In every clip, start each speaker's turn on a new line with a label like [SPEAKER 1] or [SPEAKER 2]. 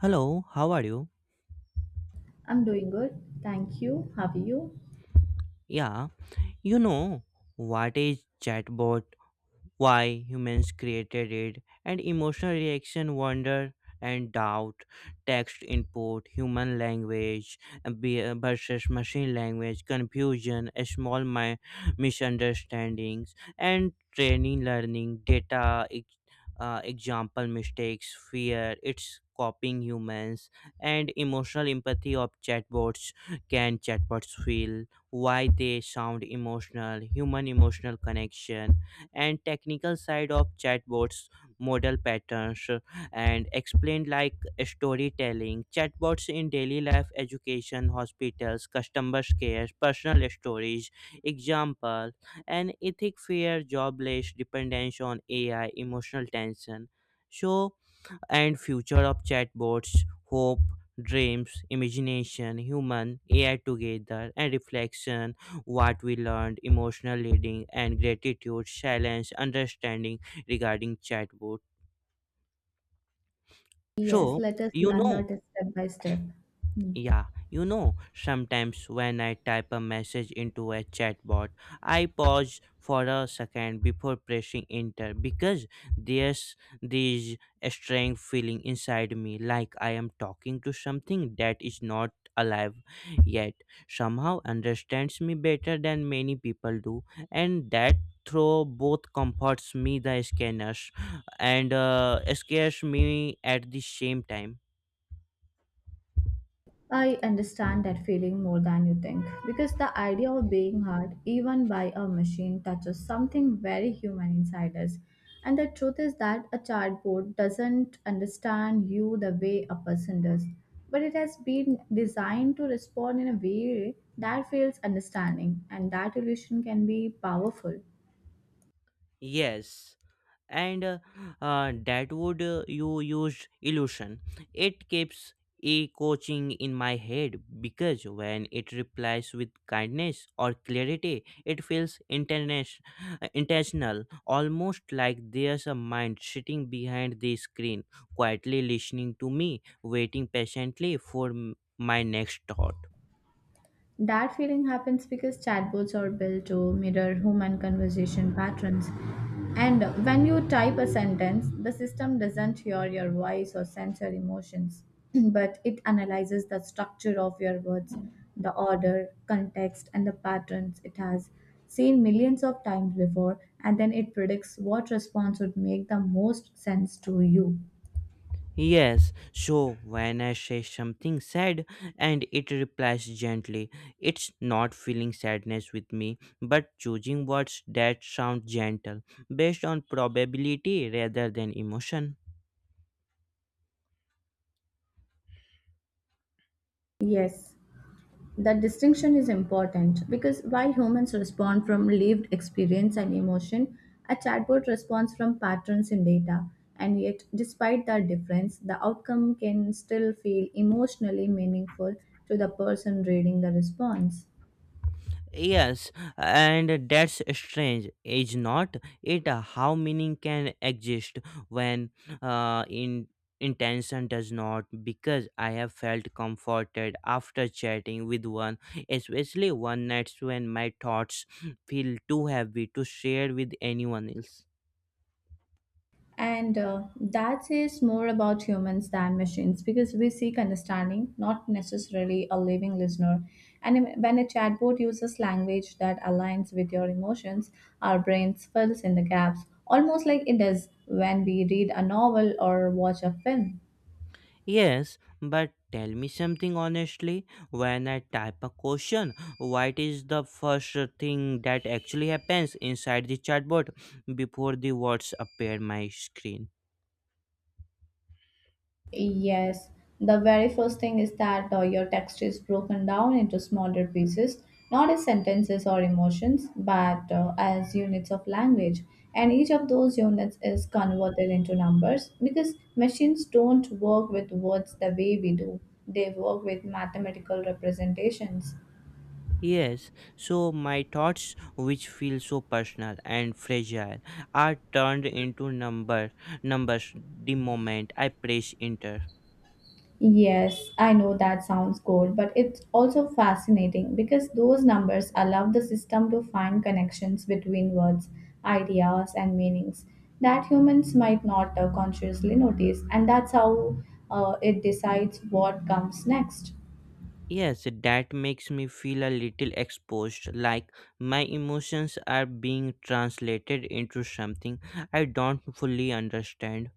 [SPEAKER 1] Hello, how are you?
[SPEAKER 2] I'm doing good. Thank you. How are you?
[SPEAKER 1] Yeah, you know what is chatbot, why humans created it and emotional reaction, wonder and doubt, text input human language, versus machine language confusion, small misunderstandings and training learning data example mistakes, fear it's copying humans, and emotional empathy of chatbots, can chatbots feel, why they sound emotional, human emotional connection, and technical side of chatbots, model patterns and explained like storytelling, chatbots in daily life, education, hospitals, customer care, personal stories example, and ethic fear, jobless, dependence on AI, emotional tension, so, and future of chatbots, hope, dreams, imagination, human AI together, and reflection, what we learned, emotional leading and gratitude, silence, understanding regarding chatbot.
[SPEAKER 2] Yes,
[SPEAKER 1] so
[SPEAKER 2] let us
[SPEAKER 1] you
[SPEAKER 2] learn
[SPEAKER 1] know
[SPEAKER 2] that step by step. Hmm.
[SPEAKER 1] Yeah, sometimes when I type a message into a chatbot, I pause for a second before pressing enter because there's this strange feeling inside me, like I am talking to something that is not alive, yet somehow understands me better than many people do. And that throw both comforts me, the scanners, and scares me at the same time.
[SPEAKER 2] I understand that feeling more than you think because the idea of being hurt, even by a machine, touches something very human inside us. And the truth is that a chatbot doesn't understand you the way a person does, but it has been designed to respond in a way that feels understanding, and that illusion can be powerful.
[SPEAKER 1] Yes, and that would you used illusion. It keeps a coaching in my head, because when it replies with kindness or clarity it feels intentional, almost like there's a mind sitting behind the screen, quietly listening to me, waiting patiently for my next thought.
[SPEAKER 2] That feeling happens because chatbots are built to mirror human conversation patterns. And when you type a sentence, the system doesn't hear your voice or sense your emotions, but it analyzes the structure of your words, the order, context, and the patterns it has seen millions of times before, and then it predicts what response would make the most sense to you.
[SPEAKER 1] Yes, so when I say something sad and it replies gently, it's not feeling sadness with me, but choosing words that sound gentle based on probability rather than emotion.
[SPEAKER 2] Yes. That distinction is important because while humans respond from lived experience and emotion, a chatbot responds from patterns in data. And yet, despite that difference, the outcome can still feel emotionally meaningful to the person reading the response.
[SPEAKER 1] Yes, and that's strange, is not it? How meaning can exist when in intention does not? Because I have felt comforted after chatting with one, especially one nights when my thoughts feel too heavy to share with anyone else.
[SPEAKER 2] And That says more about humans than machines because we seek understanding, not necessarily a living listener. And when a chatbot uses language that aligns with your emotions, our brains fills in the gaps, almost like it does when we read a novel or watch a film.
[SPEAKER 1] Yes, but tell me something honestly. When I type a question, what is the first thing that actually happens inside the chatbot before the words appear my screen?
[SPEAKER 2] Yes, the very first thing is that your text is broken down into smaller pieces, not as sentences or emotions, but as units of language. And each of those units is converted into numbers because machines don't work with words the way we do, they work with mathematical representations.
[SPEAKER 1] Yes, so my thoughts, which feel so personal and fragile, are turned into numbers the moment I press enter.
[SPEAKER 2] Yes, I know that sounds cold, but it's also fascinating because those numbers allow the system to find connections between words, ideas, and meanings that humans might not consciously notice, and that's how it decides what comes next.
[SPEAKER 1] Yes, that makes me feel a little exposed, like my emotions are being translated into something I don't fully understand.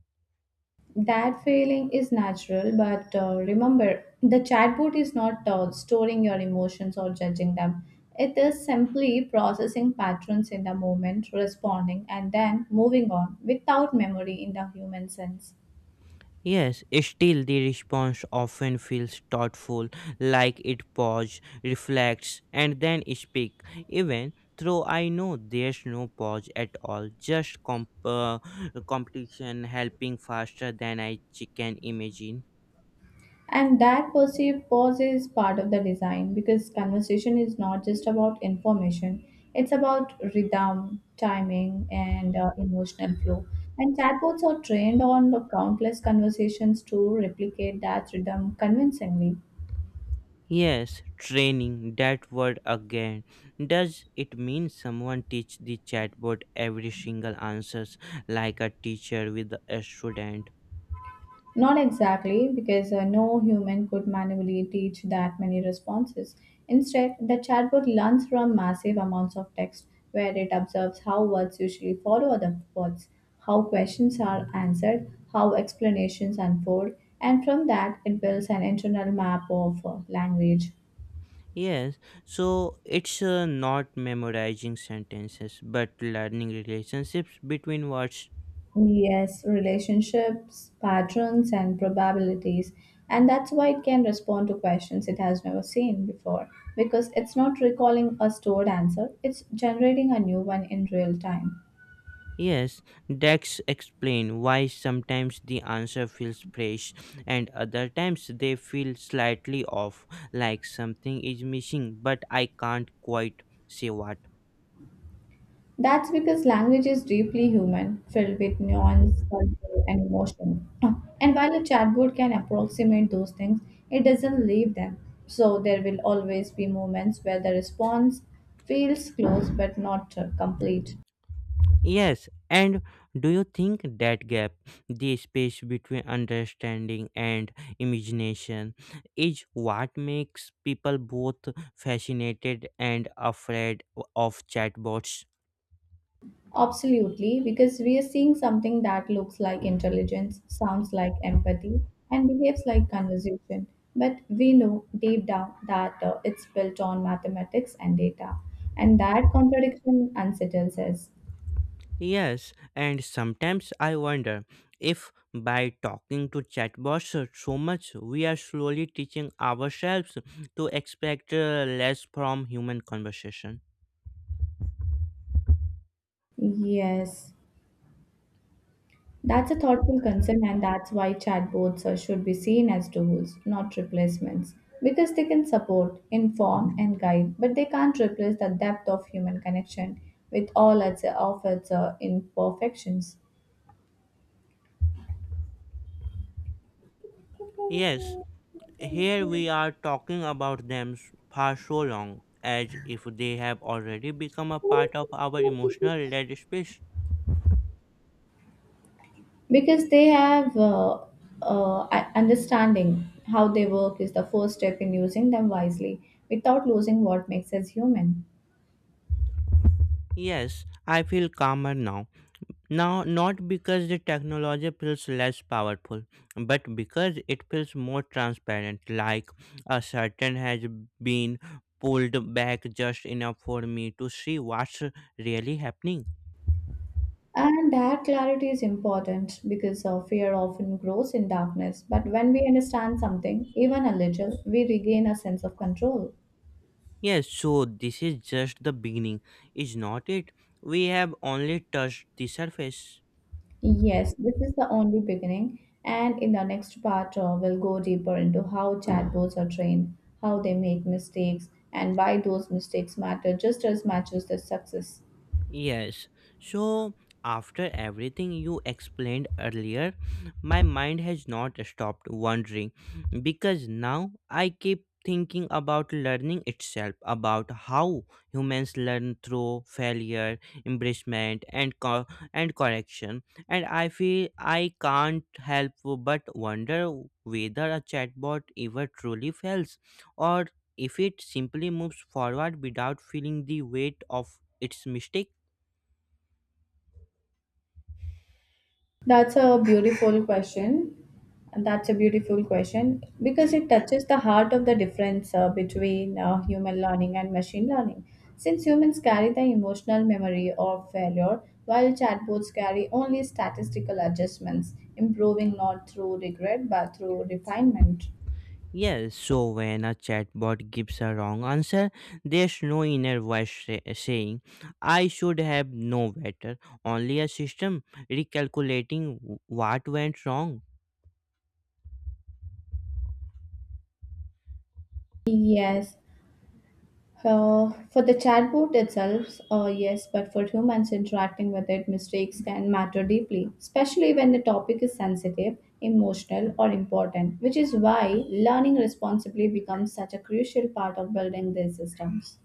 [SPEAKER 2] That feeling is natural, but remember, the chatbot is not storing your emotions or judging them. It is simply processing patterns in the moment, responding, and then moving on without memory in the human sense.
[SPEAKER 1] Yes, still the response often feels thoughtful, like it pauses, reflects, and then speaks, even though I know there's no pause at all, just competition helping faster than I can imagine.
[SPEAKER 2] And that perceived pause is part of the design because conversation is not just about information, it's about rhythm, timing, and emotional flow. And chatbots are trained on the countless conversations to replicate that rhythm convincingly.
[SPEAKER 1] Yes, training, that word again. Does it mean someone teach the chatbot every single answers like a teacher with a student?
[SPEAKER 2] Not exactly, because no human could manually teach that many responses. Instead, the chatbot learns from massive amounts of text, where it observes how words usually follow other words, how questions are answered, how explanations unfold, and from that, it builds an internal map of language.
[SPEAKER 1] Yes, so it's not memorizing sentences but learning relationships between words.
[SPEAKER 2] Yes, relationships, patterns, and probabilities. And that's why it can respond to questions it has never seen before. Because it's not recalling a stored answer, it's generating a new one in real time.
[SPEAKER 1] Yes, Dex explain why sometimes the answer feels fresh and other times they feel slightly off, like something is missing, but I can't quite say what.
[SPEAKER 2] That's because language is deeply human, filled with nuance, culture, and emotion. And while a chatbot can approximate those things, it doesn't leave them. So there will always be moments where the response feels close but not complete.
[SPEAKER 1] Yes, and do you think that gap, the space between understanding and imagination, is what makes people both fascinated and afraid of chatbots?
[SPEAKER 2] Absolutely, because we are seeing something that looks like intelligence, sounds like empathy, and behaves like conversation. But we know deep down that it's built on mathematics and data, and that contradiction unsettles us.
[SPEAKER 1] Yes, and sometimes I wonder if by talking to chatbots so much, we are slowly teaching ourselves to expect less from human conversation.
[SPEAKER 2] Yes, that's a thoughtful concern, and that's why chatbots should be seen as tools, not replacements, because they can support, inform, and guide, but they can't replace the depth of human connection with all its, of its imperfections.
[SPEAKER 1] Yes, here we are talking about them for so long, as if they have already become a part of our emotional red space.
[SPEAKER 2] Because they have understanding how they work is the first step in using them wisely without losing what makes us human.
[SPEAKER 1] Yes, I feel calmer now. Now, not because the technology feels less powerful, but because it feels more transparent, like a curtain has been pulled back just enough for me to see what's really happening.
[SPEAKER 2] And that clarity is important because fear often grows in darkness. But when we understand something, even a little, we regain a sense of control.
[SPEAKER 1] Yes, so this is just the beginning, is not it? We have only touched the surface.
[SPEAKER 2] Yes, this is the only beginning. And in the next part, we'll go deeper into how chatbots are trained, how they make mistakes, and why those mistakes matter just as much as their success.
[SPEAKER 1] Yes. So, after everything you explained earlier, my mind has not stopped wandering because now I keep thinking about learning itself, about how humans learn through failure, embracement, and and correction. And I feel I can't help but wonder whether a chatbot ever truly fails, or if it simply moves forward without feeling the weight of its mistake.
[SPEAKER 2] That's a beautiful question. And That's a beautiful question because it touches the heart of the difference between human learning and machine learning. Since humans carry the emotional memory of failure, while chatbots carry only statistical adjustments, improving not through regret but through refinement.
[SPEAKER 1] Yes, so when a chatbot gives a wrong answer, there's no inner voice saying, I should have known better, only a system recalculating what went wrong.
[SPEAKER 2] Yes. For the chatbot itself, yes, but for humans interacting with it, mistakes can matter deeply, especially when the topic is sensitive, emotional, or important, which is why learning responsibly becomes such a crucial part of building these systems.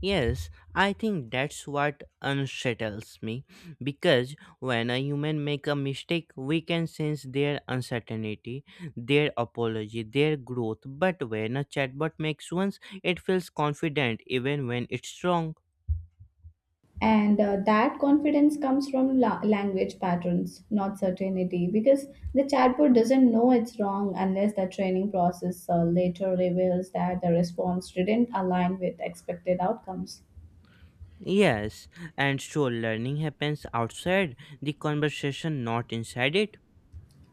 [SPEAKER 1] Yes, I think that's what unsettles me, because when a human make a mistake, we can sense their uncertainty, their apology, their growth, but when a chatbot makes ones, it feels confident even when it's wrong.
[SPEAKER 2] And That confidence comes from language patterns, not certainty, because the chatbot doesn't know it's wrong unless the training process later reveals that the response didn't align with expected outcomes.
[SPEAKER 1] Yes, and so learning happens outside the conversation, not inside it.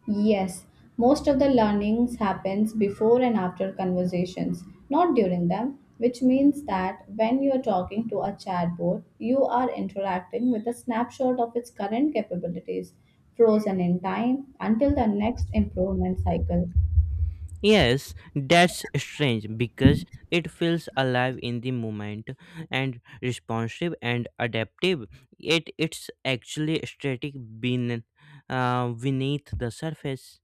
[SPEAKER 2] Yes, most of the learnings happens before and after conversations, not during them, which means that when you are talking to a chatbot, you are interacting with a snapshot of its current capabilities, frozen in time until the next improvement cycle.
[SPEAKER 1] Yes, that's strange because it feels alive in the moment and responsive and adaptive. Yet it's actually static beneath, beneath the surface.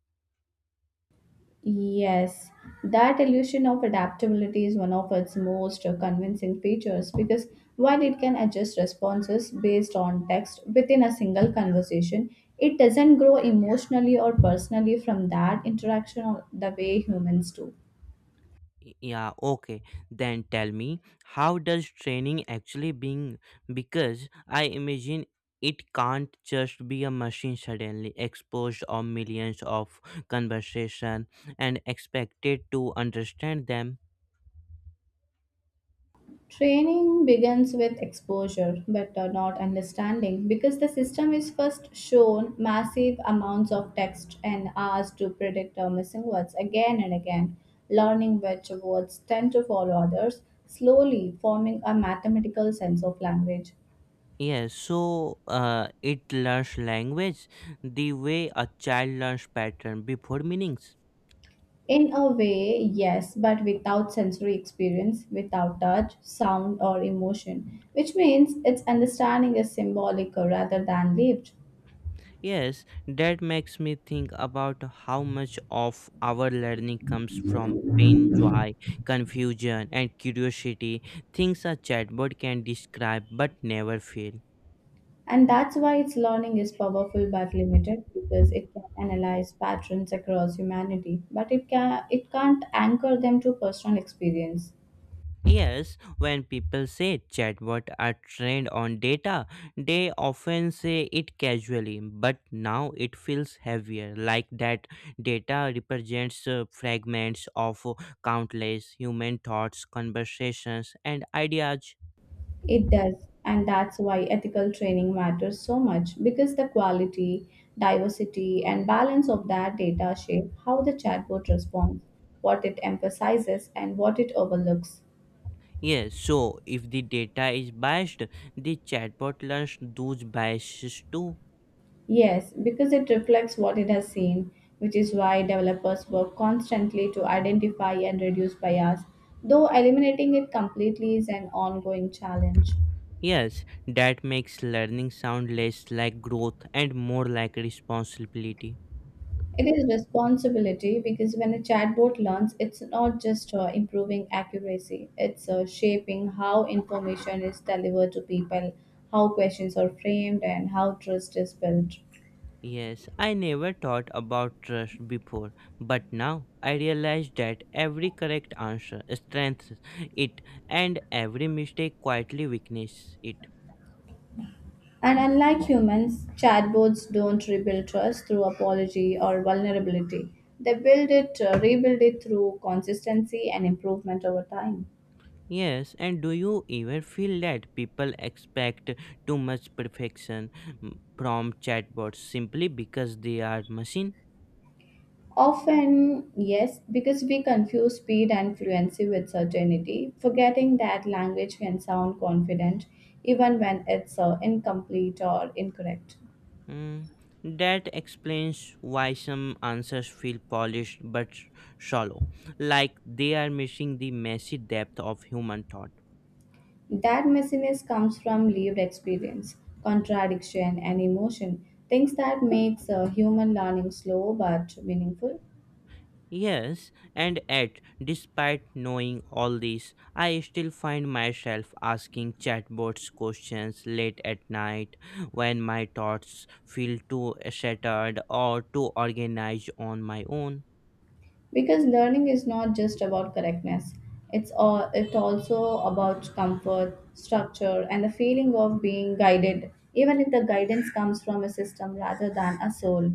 [SPEAKER 2] Yes, that illusion of adaptability is one of its most convincing features because while it can adjust responses based on text within a single conversation, it doesn't grow emotionally or personally from that interaction or the way humans do.
[SPEAKER 1] Yeah, okay, then tell me, how does training actually being, because I imagine it can't just be a machine suddenly exposed on millions of conversation and expected to understand them.
[SPEAKER 2] Training begins with exposure, but not understanding, because the system is first shown massive amounts of text and asked to predict our missing words again and again, learning which words tend to follow others, slowly forming a mathematical sense of language.
[SPEAKER 1] Yes, so it learns language the way a child learns pattern before meanings.
[SPEAKER 2] In a way, yes, but without sensory experience, without touch, sound, or emotion, which means its understanding is symbolic rather than lived.
[SPEAKER 1] Yes, that makes me think about how much of our learning comes from pain, joy, confusion, and curiosity. Things a chatbot can describe but never feel.
[SPEAKER 2] And that's why its learning is powerful but limited because it can analyze patterns across humanity, but it, can, it can't anchor them to personal experience.
[SPEAKER 1] Yes, when people say chatbot are trained on data, they often say it casually, but now it feels heavier, like that data represents fragments of countless human thoughts, conversations, and ideas.
[SPEAKER 2] It does, and that's why ethical training matters so much because the quality, diversity, and balance of that data shape how the chatbot responds, what it emphasizes, and what it overlooks.
[SPEAKER 1] Yes, so if the data is biased, the chatbot learns those biases too.
[SPEAKER 2] Yes, because it reflects what it has seen, which is why developers work constantly to identify and reduce bias, though eliminating it completely is an ongoing challenge.
[SPEAKER 1] Yes, that makes learning sound less like growth and more like responsibility.
[SPEAKER 2] It is responsibility because when a chatbot learns, it's not just improving accuracy, it's shaping how information is delivered to people, how questions are framed, and how trust is built.
[SPEAKER 1] Yes, I never thought about trust before, but now I realize that every correct answer strengthens it, and every mistake quietly weakens it.
[SPEAKER 2] And unlike humans, chatbots don't rebuild trust through apology or vulnerability. They rebuild it through consistency and improvement over time.
[SPEAKER 1] Yes, and do you ever feel that people expect too much perfection, from chatbots simply because they are machine?
[SPEAKER 2] Often, yes, because we confuse speed and fluency with certainty, forgetting that language can sound confident even when it's incomplete or incorrect.
[SPEAKER 1] Mm, that explains why some answers feel polished but shallow, like they are missing the messy depth of human thought.
[SPEAKER 2] That messiness comes from lived experience, contradiction, and emotion, things that makes human learning slow but meaningful.
[SPEAKER 1] Yes, and yet, despite knowing all this, I still find myself asking chatbots questions late at night when my thoughts feel too shattered or too organized on my own.
[SPEAKER 2] Because learning is not just about correctness; it also about comfort, structure, and the feeling of being guided, even if the guidance comes from a system rather than a soul.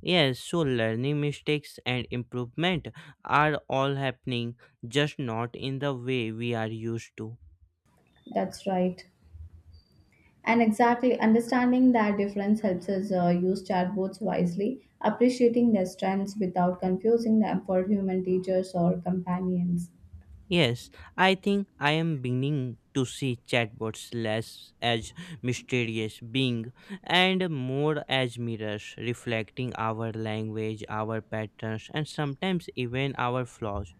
[SPEAKER 1] Yes, so learning, mistakes, and improvement are all happening, just not in the way we are used to.
[SPEAKER 2] That's right. And exactly understanding that difference helps us use chatbots wisely, appreciating their strengths without confusing them for human teachers or companions.
[SPEAKER 1] Yes, I think I am beginning to see chatbots less as mysterious being and more as mirrors reflecting our language, our patterns, and sometimes even our flaws.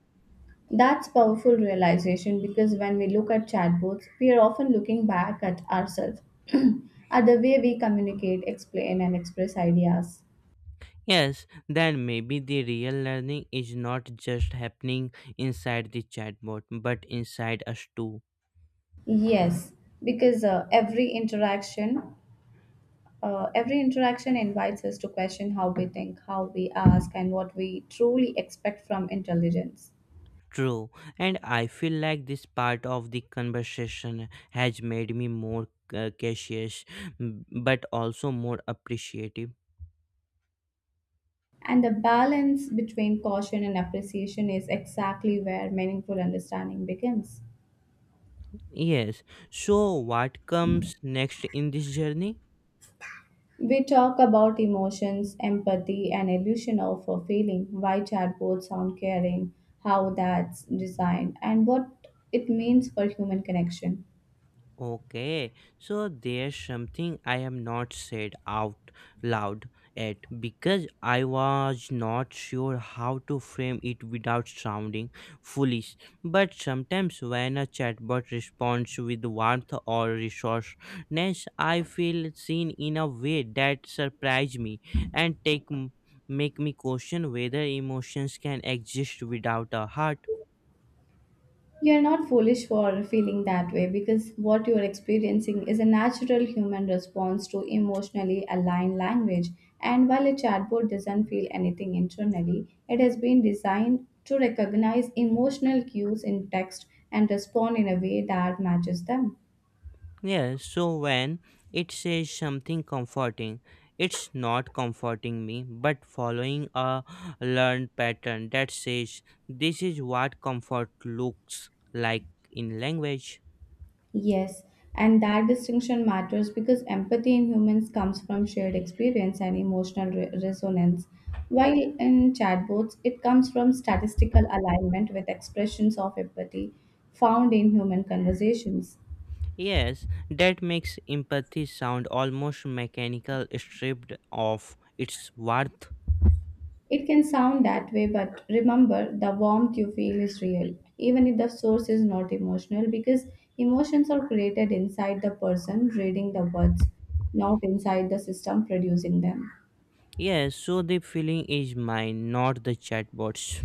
[SPEAKER 2] That's powerful realization because when we look at chatbots, we are often looking back at ourselves, at the way we communicate, explain, and express ideas.
[SPEAKER 1] Yes, then maybe the real learning is not just happening inside the chatbot but inside us too.
[SPEAKER 2] Yes, because every interaction invites us to question how we think, how we ask, and what we truly expect from intelligence.
[SPEAKER 1] True, and I feel like this part of the conversation has made me more cautious, but also more appreciative.
[SPEAKER 2] And the balance between caution and appreciation is exactly where meaningful understanding begins.
[SPEAKER 1] Yes, so what comes next in this journey?
[SPEAKER 2] We talk about emotions, empathy, and illusion of a feeling, why chatbots sound caring, how that's designed, and what it means for human connection.
[SPEAKER 1] Okay, so there's something I have not said out loud yet, because I was not sure how to frame it without sounding foolish. But sometimes when a chatbot responds with warmth or resourceness, I feel seen in a way that surprise me and make me question whether emotions can exist without a heart.
[SPEAKER 2] You're not foolish for feeling that way because what you're experiencing is a natural human response to emotionally aligned language. And while a chatbot doesn't feel anything internally, it has been designed to recognize emotional cues in text and respond in a way that matches them.
[SPEAKER 1] Yeah, so when it says something comforting, it's not comforting me, but following a learned pattern that says this is what comfort looks like in language.
[SPEAKER 2] Yes, and that distinction matters because empathy in humans comes from shared experience and emotional resonance, while in chatbots it comes from statistical alignment with expressions of empathy found in human conversations.
[SPEAKER 1] Yes, that makes empathy sound almost mechanical, stripped of its worth.
[SPEAKER 2] It can sound that way, but remember the warmth you feel is real, even if the source is not emotional, because emotions are created inside the person reading the words, not inside the system producing them.
[SPEAKER 1] Yes, so the feeling is mine, not the chatbot's.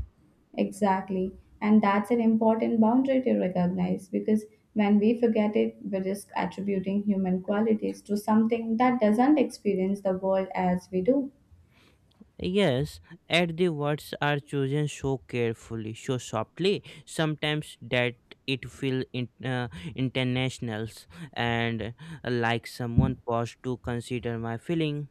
[SPEAKER 2] Exactly. And that's an important boundary to recognize because when we forget it, we risk attributing human qualities to something that doesn't experience the world as we do.
[SPEAKER 1] Yes, and the words are chosen so carefully, so softly, sometimes that it feels international, and like someone paused to consider my feeling.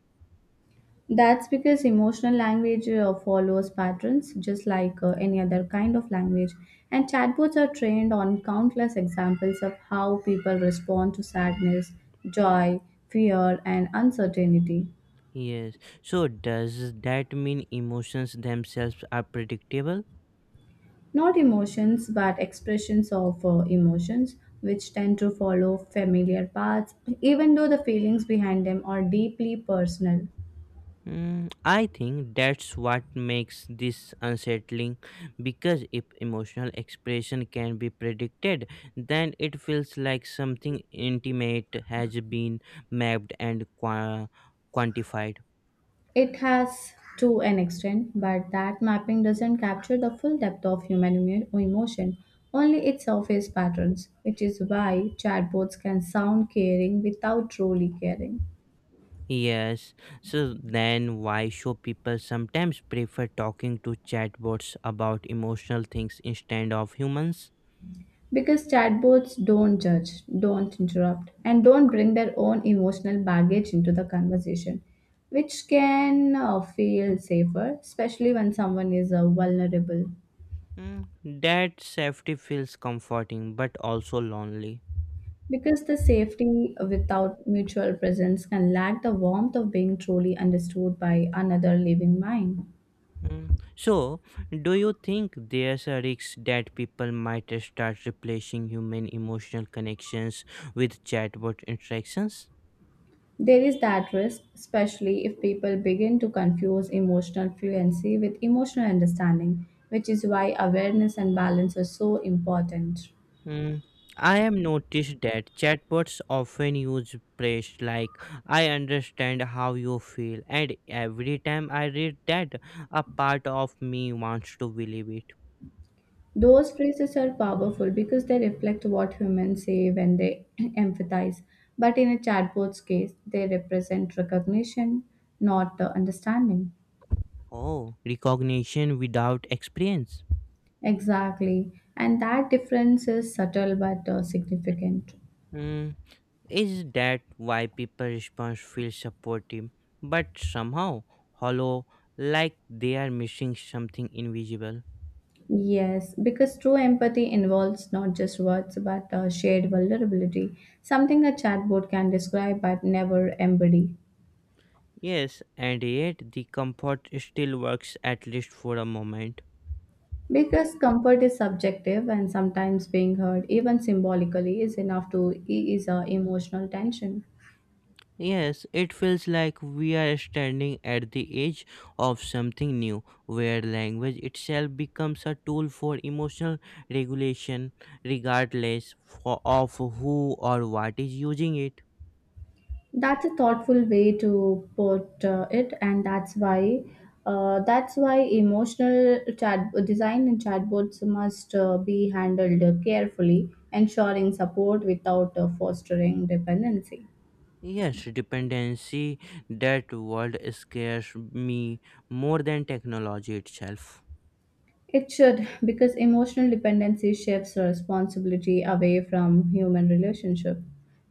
[SPEAKER 2] That's because emotional language follows patterns just like any other kind of language. And chatbots are trained on countless examples of how people respond to sadness, joy, fear, and uncertainty.
[SPEAKER 1] Yes, so does that mean emotions themselves are predictable?
[SPEAKER 2] Not emotions, but expressions of emotions, which tend to follow familiar paths, even though the feelings behind them are deeply personal.
[SPEAKER 1] Mm, I think that's what makes this unsettling, because if emotional expression can be predicted, then it feels like something intimate has been mapped and quantified.
[SPEAKER 2] It has to an extent, but that mapping doesn't capture the full depth of human emotion, only its surface patterns, which is why chatbots can sound caring without truly caring.
[SPEAKER 1] Yes, so then why show people sometimes prefer talking to chatbots about emotional things instead of humans?
[SPEAKER 2] Because chatbots don't judge, don't interrupt, and don't bring their own emotional baggage into the conversation, which can feel safer, especially when someone is vulnerable.
[SPEAKER 1] Mm, that safety feels comforting but also lonely.
[SPEAKER 2] Because the safety without mutual presence can lack the warmth of being truly understood by another living mind.
[SPEAKER 1] Mm. So, do you think there's a risk that people might start replacing human emotional connections with chatbot interactions?
[SPEAKER 2] There is that risk, especially if people begin to confuse emotional fluency with emotional understanding, which is why awareness and balance are so important.
[SPEAKER 1] Mm. I have noticed that chatbots often use praise like I understand how you feel, and every time I read that, a part of me wants to believe it.
[SPEAKER 2] Those phrases are powerful because they reflect what humans say when they empathize. But in a chatbot's case, they represent recognition, not understanding.
[SPEAKER 1] Oh, recognition without experience.
[SPEAKER 2] Exactly. And that difference is subtle but significant.
[SPEAKER 1] Hmm, is that why people response feels supportive but somehow hollow, like they are missing something invisible?
[SPEAKER 2] Yes, because true empathy involves not just words but shared vulnerability, something a chatbot can describe but never embody.
[SPEAKER 1] Yes, and yet the comfort still works, at least for a moment.
[SPEAKER 2] Because comfort is subjective, and sometimes being heard, even symbolically, is enough to ease our emotional tension.
[SPEAKER 1] Yes, it feels like we are standing at the edge of something new, where language itself becomes a tool for emotional regulation regardless of who or what is using it.
[SPEAKER 2] That's a thoughtful way to put it, and that's why emotional chat design in chatbots must be handled carefully, ensuring support without fostering dependency.
[SPEAKER 1] Yes, dependency, that word scares me more than technology itself.
[SPEAKER 2] It should, because emotional dependency shifts responsibility away from human relationship,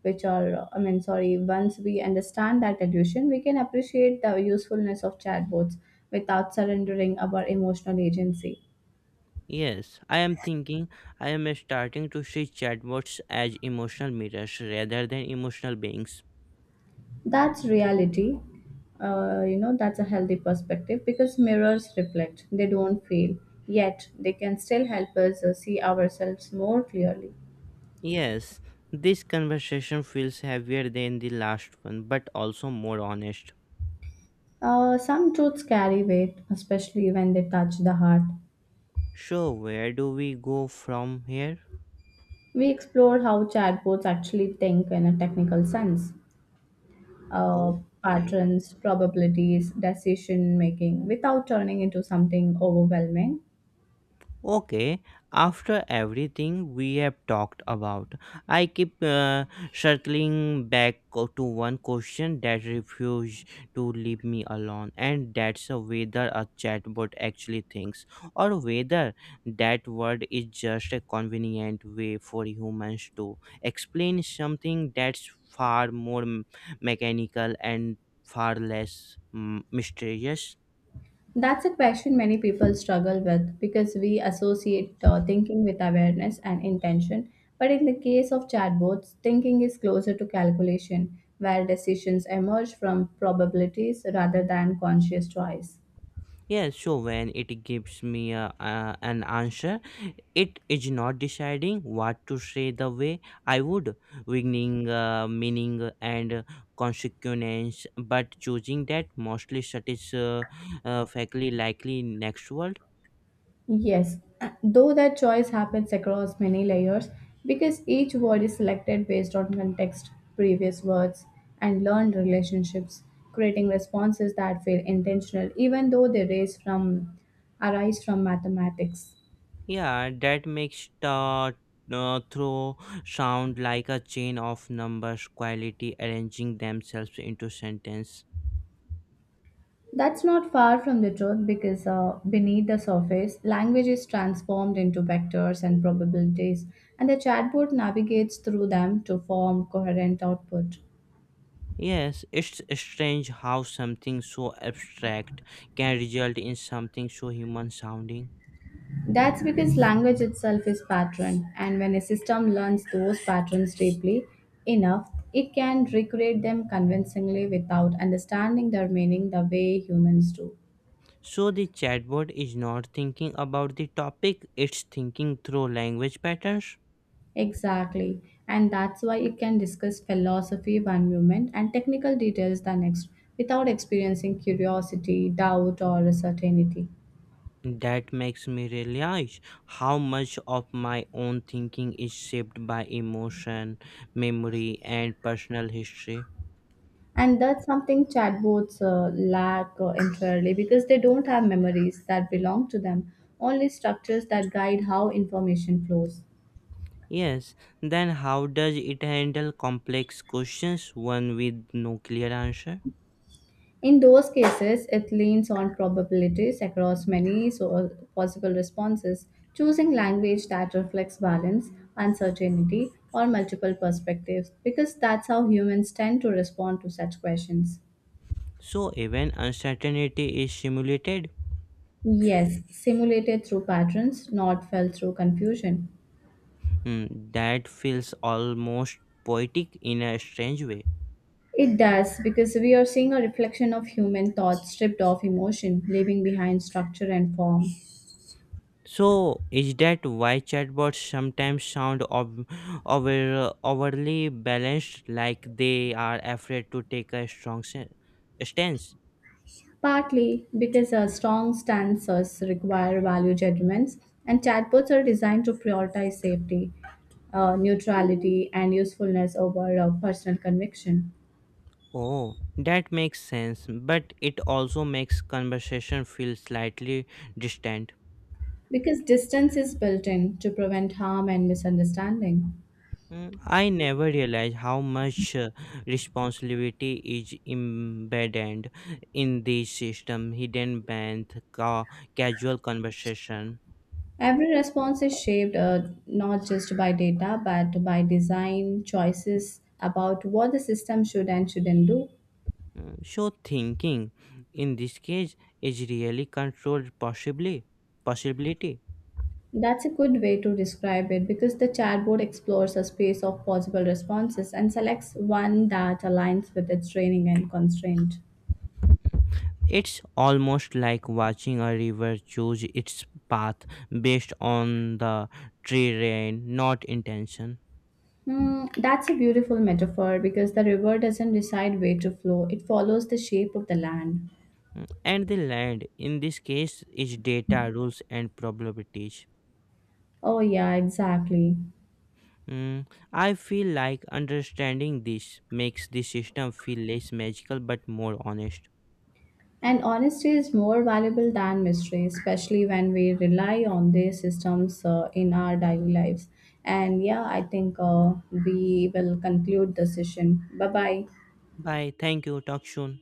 [SPEAKER 2] which are, I mean, sorry, once we understand that illusion, we can appreciate the usefulness of chatbots without surrendering our emotional agency.
[SPEAKER 1] Yes, I am thinking, I am starting to see chatbots as emotional mirrors rather than emotional beings.
[SPEAKER 2] That's reality. That's a healthy perspective because mirrors reflect, they don't fail, yet they can still help us see ourselves more clearly.
[SPEAKER 1] Yes, this conversation feels heavier than the last one, but also more honest.
[SPEAKER 2] Some truths carry weight, especially when they touch the heart.
[SPEAKER 1] So, where do we go from here?
[SPEAKER 2] We explored how chatbots actually think in a technical sense, uh,
[SPEAKER 1] Okay.
[SPEAKER 2] patterns, probabilities, decision making, without turning into something overwhelming.
[SPEAKER 1] Okay, after everything we have talked about, I keep circling back to one question that refuses to leave me alone, and that's whether a chatbot actually thinks, or whether that word is just a convenient way for humans to explain something that's far more mechanical and far less mysterious.
[SPEAKER 2] That's a question many people struggle with because we associate thinking with awareness and intention. But in the case of chatbots, thinking is closer to calculation, where decisions emerge from probabilities rather than conscious choice.
[SPEAKER 1] Yes, so when it gives me a, an answer, it is not deciding what to say the way I would, winning meaning and consequence, but choosing that mostly satisfactorily likely next word.
[SPEAKER 2] Yes, though that choice happens across many layers because each word is selected based on context, previous words, and learned relationships, creating responses that feel intentional even though they raise from arise from mathematics.
[SPEAKER 1] Yeah, that makes the throw sound like a chain of numbers, quality arranging themselves into sentence.
[SPEAKER 2] That's not far from the truth because beneath the surface, language is transformed into vectors and probabilities, and the chatbot navigates through them to form coherent output.
[SPEAKER 1] Yes, it's strange how something so abstract can result in something so human sounding.
[SPEAKER 2] That's because language itself is pattern, and when a system learns those patterns deeply enough, it can recreate them convincingly without understanding their meaning the way humans do.
[SPEAKER 1] So the chatbot is not thinking about the topic, it's thinking through language patterns.
[SPEAKER 2] Exactly, and that's why it can discuss philosophy one moment and technical details the next without experiencing curiosity, doubt, or certainty.
[SPEAKER 1] That makes me realize how much of my own thinking is shaped by emotion, memory, and personal history.
[SPEAKER 2] And that's something chatbots lack entirely because they don't have memories that belong to them, only structures that guide how information flows.
[SPEAKER 1] Yes, then how does it handle complex questions, one with no clear answer?
[SPEAKER 2] In those cases, it leans on probabilities across possible responses, choosing language that reflects balance, uncertainty, or multiple perspectives because that's how humans tend to respond to such questions.
[SPEAKER 1] So even uncertainty is simulated.
[SPEAKER 2] Yes, simulated through patterns, not felt through confusion.
[SPEAKER 1] Mm, that feels almost poetic in a strange way.
[SPEAKER 2] It does, because we are seeing a reflection of human thought stripped of emotion, leaving behind structure and form.
[SPEAKER 1] So is that why chatbots sometimes sound over overly balanced, like they are afraid to take a strong stance?
[SPEAKER 2] Partly because our strong stances require value judgments, and chatbots are designed to prioritize safety, neutrality, and usefulness over personal conviction.
[SPEAKER 1] Oh, that makes sense, but it also makes conversation feel slightly distant.
[SPEAKER 2] Because distance is built in to prevent harm and misunderstanding.
[SPEAKER 1] Mm, I never realized how much responsibility is embedded in this system, hidden band, casual conversation.
[SPEAKER 2] Every response is shaped not just by data but by design choices about what the system should and shouldn't do.
[SPEAKER 1] Mm, so thinking in this case is really controlled possibly possibility.
[SPEAKER 2] That's a good way to describe it because the chatbot explores a space of possible responses and selects one that aligns with its training and constraint.
[SPEAKER 1] It's almost like watching a river choose its path based on the terrain, not intention.
[SPEAKER 2] Hmm, that's a beautiful metaphor because the river doesn't decide where to flow, it follows the shape of the land.
[SPEAKER 1] Mm, and the land in this case is data rules and probabilities.
[SPEAKER 2] Oh, yeah, exactly.
[SPEAKER 1] Mm, I feel like understanding this makes the system feel less magical but more honest.
[SPEAKER 2] And honesty is more valuable than mystery, especially when we rely on these systems in our daily lives. And yeah, I think we will conclude the session. Bye bye.
[SPEAKER 1] Bye. Thank you. Talk soon.